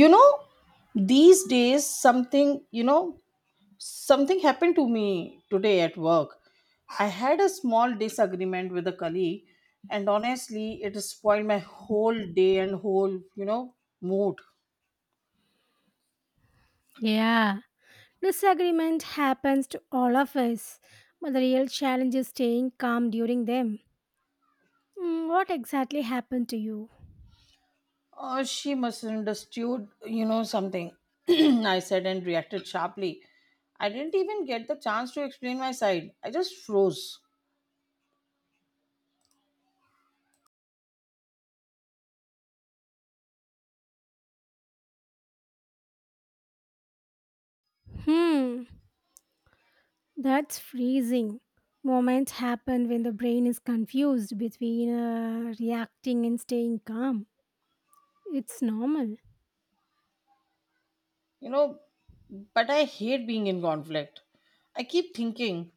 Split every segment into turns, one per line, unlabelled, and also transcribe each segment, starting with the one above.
you know these days, something you know something happened to me today at work. I had a small disagreement with a colleague, and honestly it spoiled my whole day and whole mood.
Yeah, disagreement happens to all of us, but the real challenge is staying calm during them. Hmm, what exactly happened to you?
Oh, she misunderstood something I said and reacted sharply. I didn't even get the chance to explain my side. I just froze.
Hmm, that's freezing. Moments happen when the brain is confused between reacting and staying calm. It's normal.
You know, but I hate being in conflict. I keep thinking,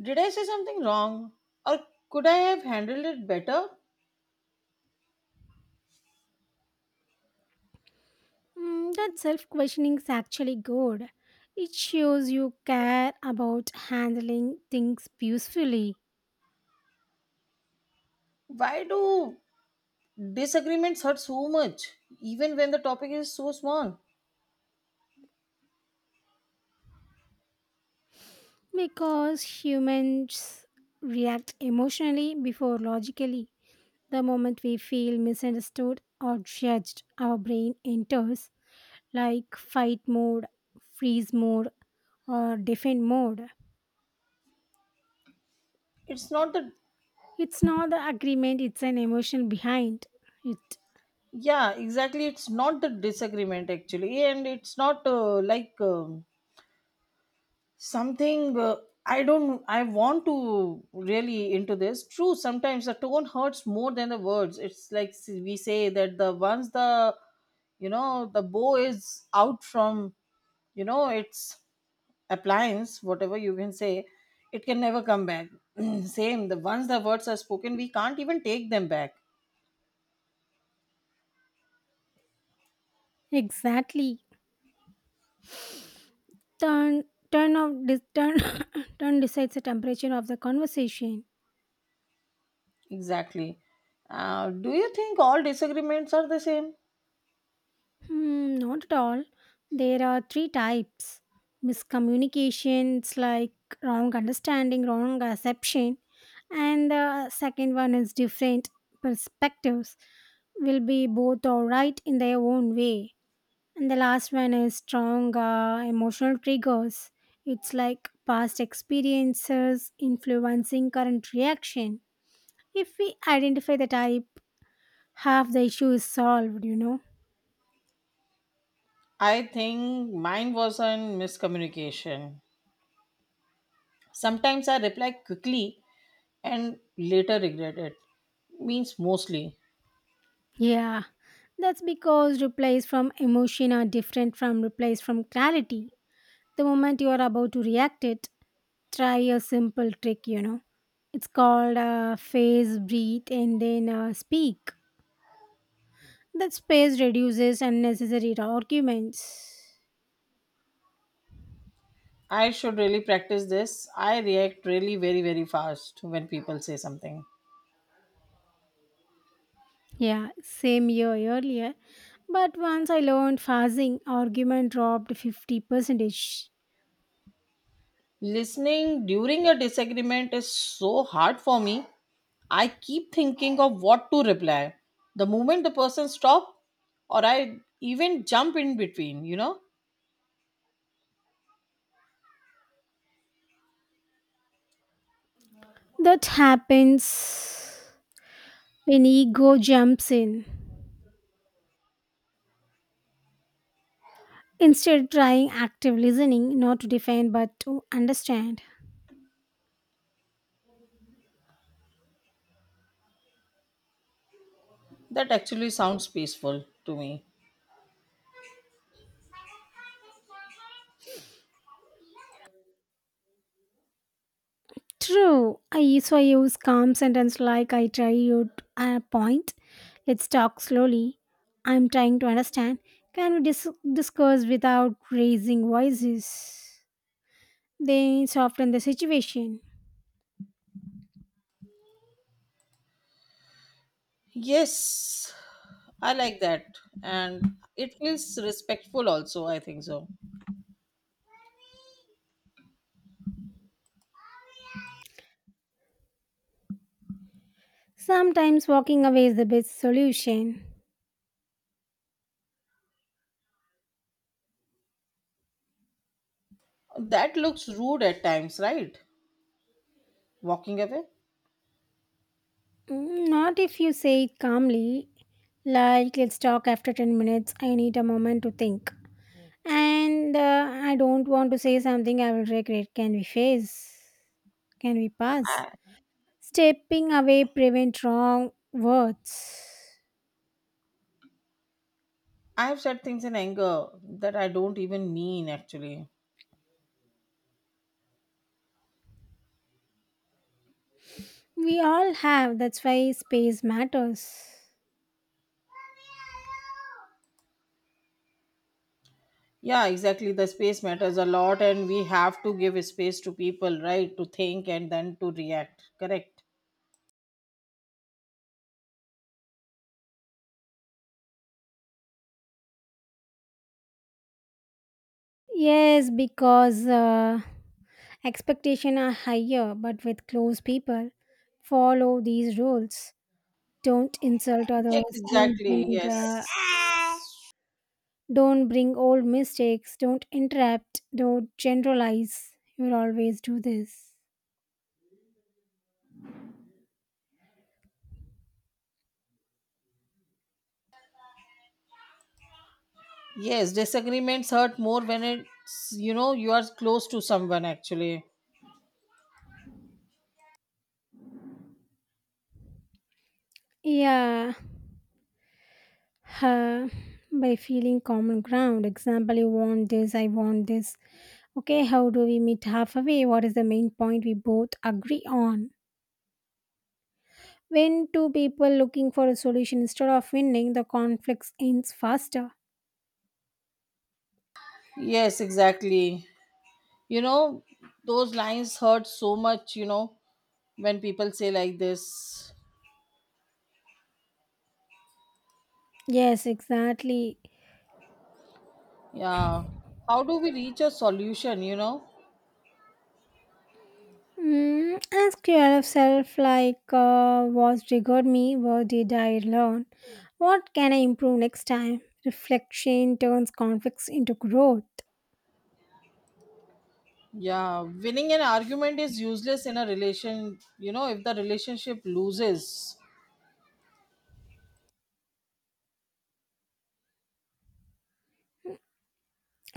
did I say something wrong? Or could I have handled it better?
Hmm, that self questioning is actually good. It shows you care about handling things peacefully.
Why do disagreements hurt so much, even when the topic is so small?
Because humans react emotionally before logically. The moment we feel misunderstood or judged, our brain enters like fight mode, freeze mode, or defend mode.
It's not the,
It's not the agreement, it's an emotion behind it.
Yeah, exactly. It's not the disagreement actually, and it's not like, something, I don't I want to really into this, true. Sometimes the tone hurts more than the words. It's like, we say that the once the the bow is out from its appliance, whatever you can say. It can never come back. Same, the once the words are spoken, we can't even take them back.
Exactly. Turn turn of dis turn turn decides the temperature of the conversation.
Exactly. Do you think all disagreements are the same?
Hmm, not at all. There are three types miscommunications, like wrong understanding, wrong assumption, and the second one is different perspectives, will be both all right in their own way. And the last one is strong emotional triggers. It's like past experiences influencing current reaction. If we identify the type, half the issue is solved,
I think mine was on miscommunication. Sometimes I reply quickly and later regret it. Means mostly.
Yeah, that's because replies from emotion are different from replies from clarity. The moment you are about to react it, try a simple trick, It's called phase breathe and then speak. That space reduces unnecessary arguments.
I should really practice this. I react really very, very fast when people say something.
Yeah, same year earlier. But once I learned phasing, argument dropped 50 percentage.
Listening during a disagreement is so hard for me. I keep thinking of what to reply. The moment the person stops, or I even jump in between, you know,
That happens when ego jumps in. Instead, trying active listening, not to defend but to understand.
That actually sounds peaceful to me.
True. I used to use calm sentence like I try you a point. Let's talk slowly. I'm trying to understand. Can we dis- discuss without raising voices? They soften the situation.
Yes, I like that. And it feels respectful also, I think so.
Sometimes walking away is the best solution.
That looks rude at times, right? Walking away.
Mm, not if you say it calmly, like let's talk after 10 minutes. I need a moment to think. And I don't want to say something I will regret. Can we face? Can we pass?
I,
Stepping away prevent wrong words.
I have said things in anger that I don't even mean actually.
We all have. That's why space matters.
Yeah, exactly. The space matters a lot, and we have to give space to people, right? To think and then to react. Correct.
Yes, because expectations are higher, but with close people, follow these rules. Don't insult
Yes,
others. Don't
exactly.
bring.
Yes.
Don't bring old mistakes. Don't interrupt. Don't generalize. You will always do this.
Yes, disagreements hurt more when it's, you are close to someone actually.
Yeah, uh, by feeling common ground. Example, you want this, I want this. Okay, how do we meet halfway? What is the main point we both agree on? When two people looking for a solution instead of winning, the conflicts ends faster.
Yes, exactly. you know those lines hurt so much when people say like this.
Yes, exactly.
Yeah, how do we reach a solution?
Mm, ask yourself like, what triggered me? What did I learn? What can I improve next time? Reflection turns conflicts into growth.
Yeah, winning an argument is useless in a relation if the relationship loses.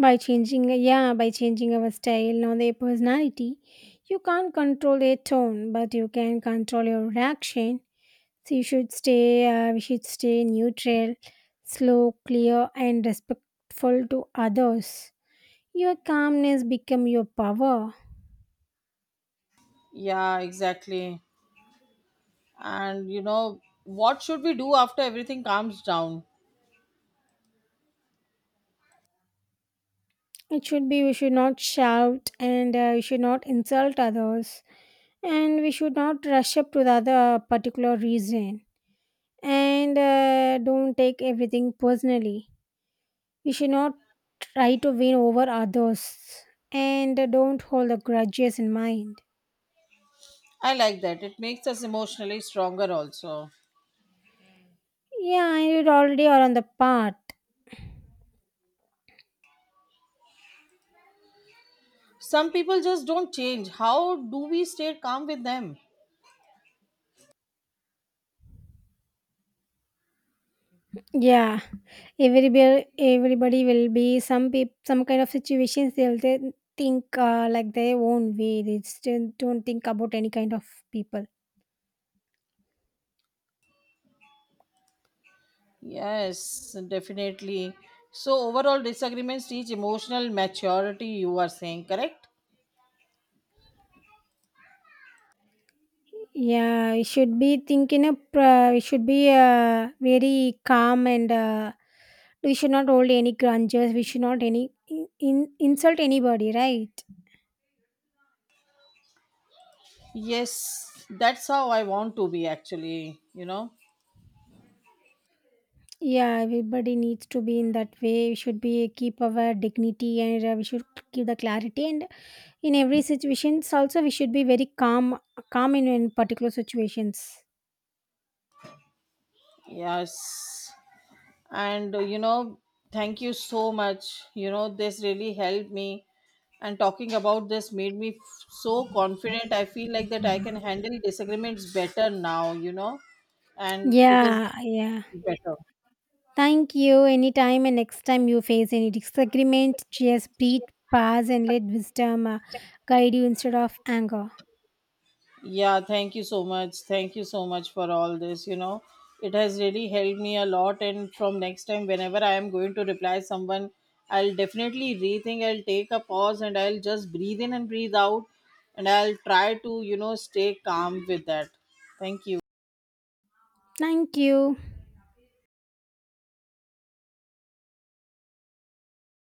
By changing, yeah, by changing our style or their personality, you can't control their tone, but you can control your reaction. So we should stay neutral, slow, clear, and respectful to others. Your calmness become your power.
Yeah, exactly. And, what should we do after everything calms down?
It should be we should not shout and we should not insult others, and we should not rush up to the other particular reason. And don't take everything personally. We should not try to win over others and don't hold the grudges in mind.
I like that. It makes us emotionally stronger also.
Yeah, you already are on the path.
Some people just don't change. How do we stay calm with them?
Yeah, everybody will be some kind of situations think like their own way. They still don't think about any kind of people.
Yes, definitely. So, overall, disagreements teach emotional maturity, you are saying, correct?
Yeah, we should be very calm and we should not hold any grudges. We should not insult anybody, right?
Yes, that's how I want to be actually.
Yeah, everybody needs to be in that way. We should be keep our dignity and we should keep the clarity. And in every situations, also we should be very calm in particular situations.
Yes. And, thank you so much. This really helped me. And talking about this made me so confident. I feel like that I can handle disagreements better now, and it
Yeah,
is
yeah.
better.
Thank you. Anytime and next time you face any disagreement, just breathe, pause, and let wisdom guide you instead of anger.
Yeah, thank you so much. Thank you so much for all this. It has really helped me a lot. And from next time, whenever I am going to reply someone, I'll definitely rethink. I'll take a pause, and I'll just breathe in and breathe out. And I'll try to stay calm with that. Thank you.
Thank you.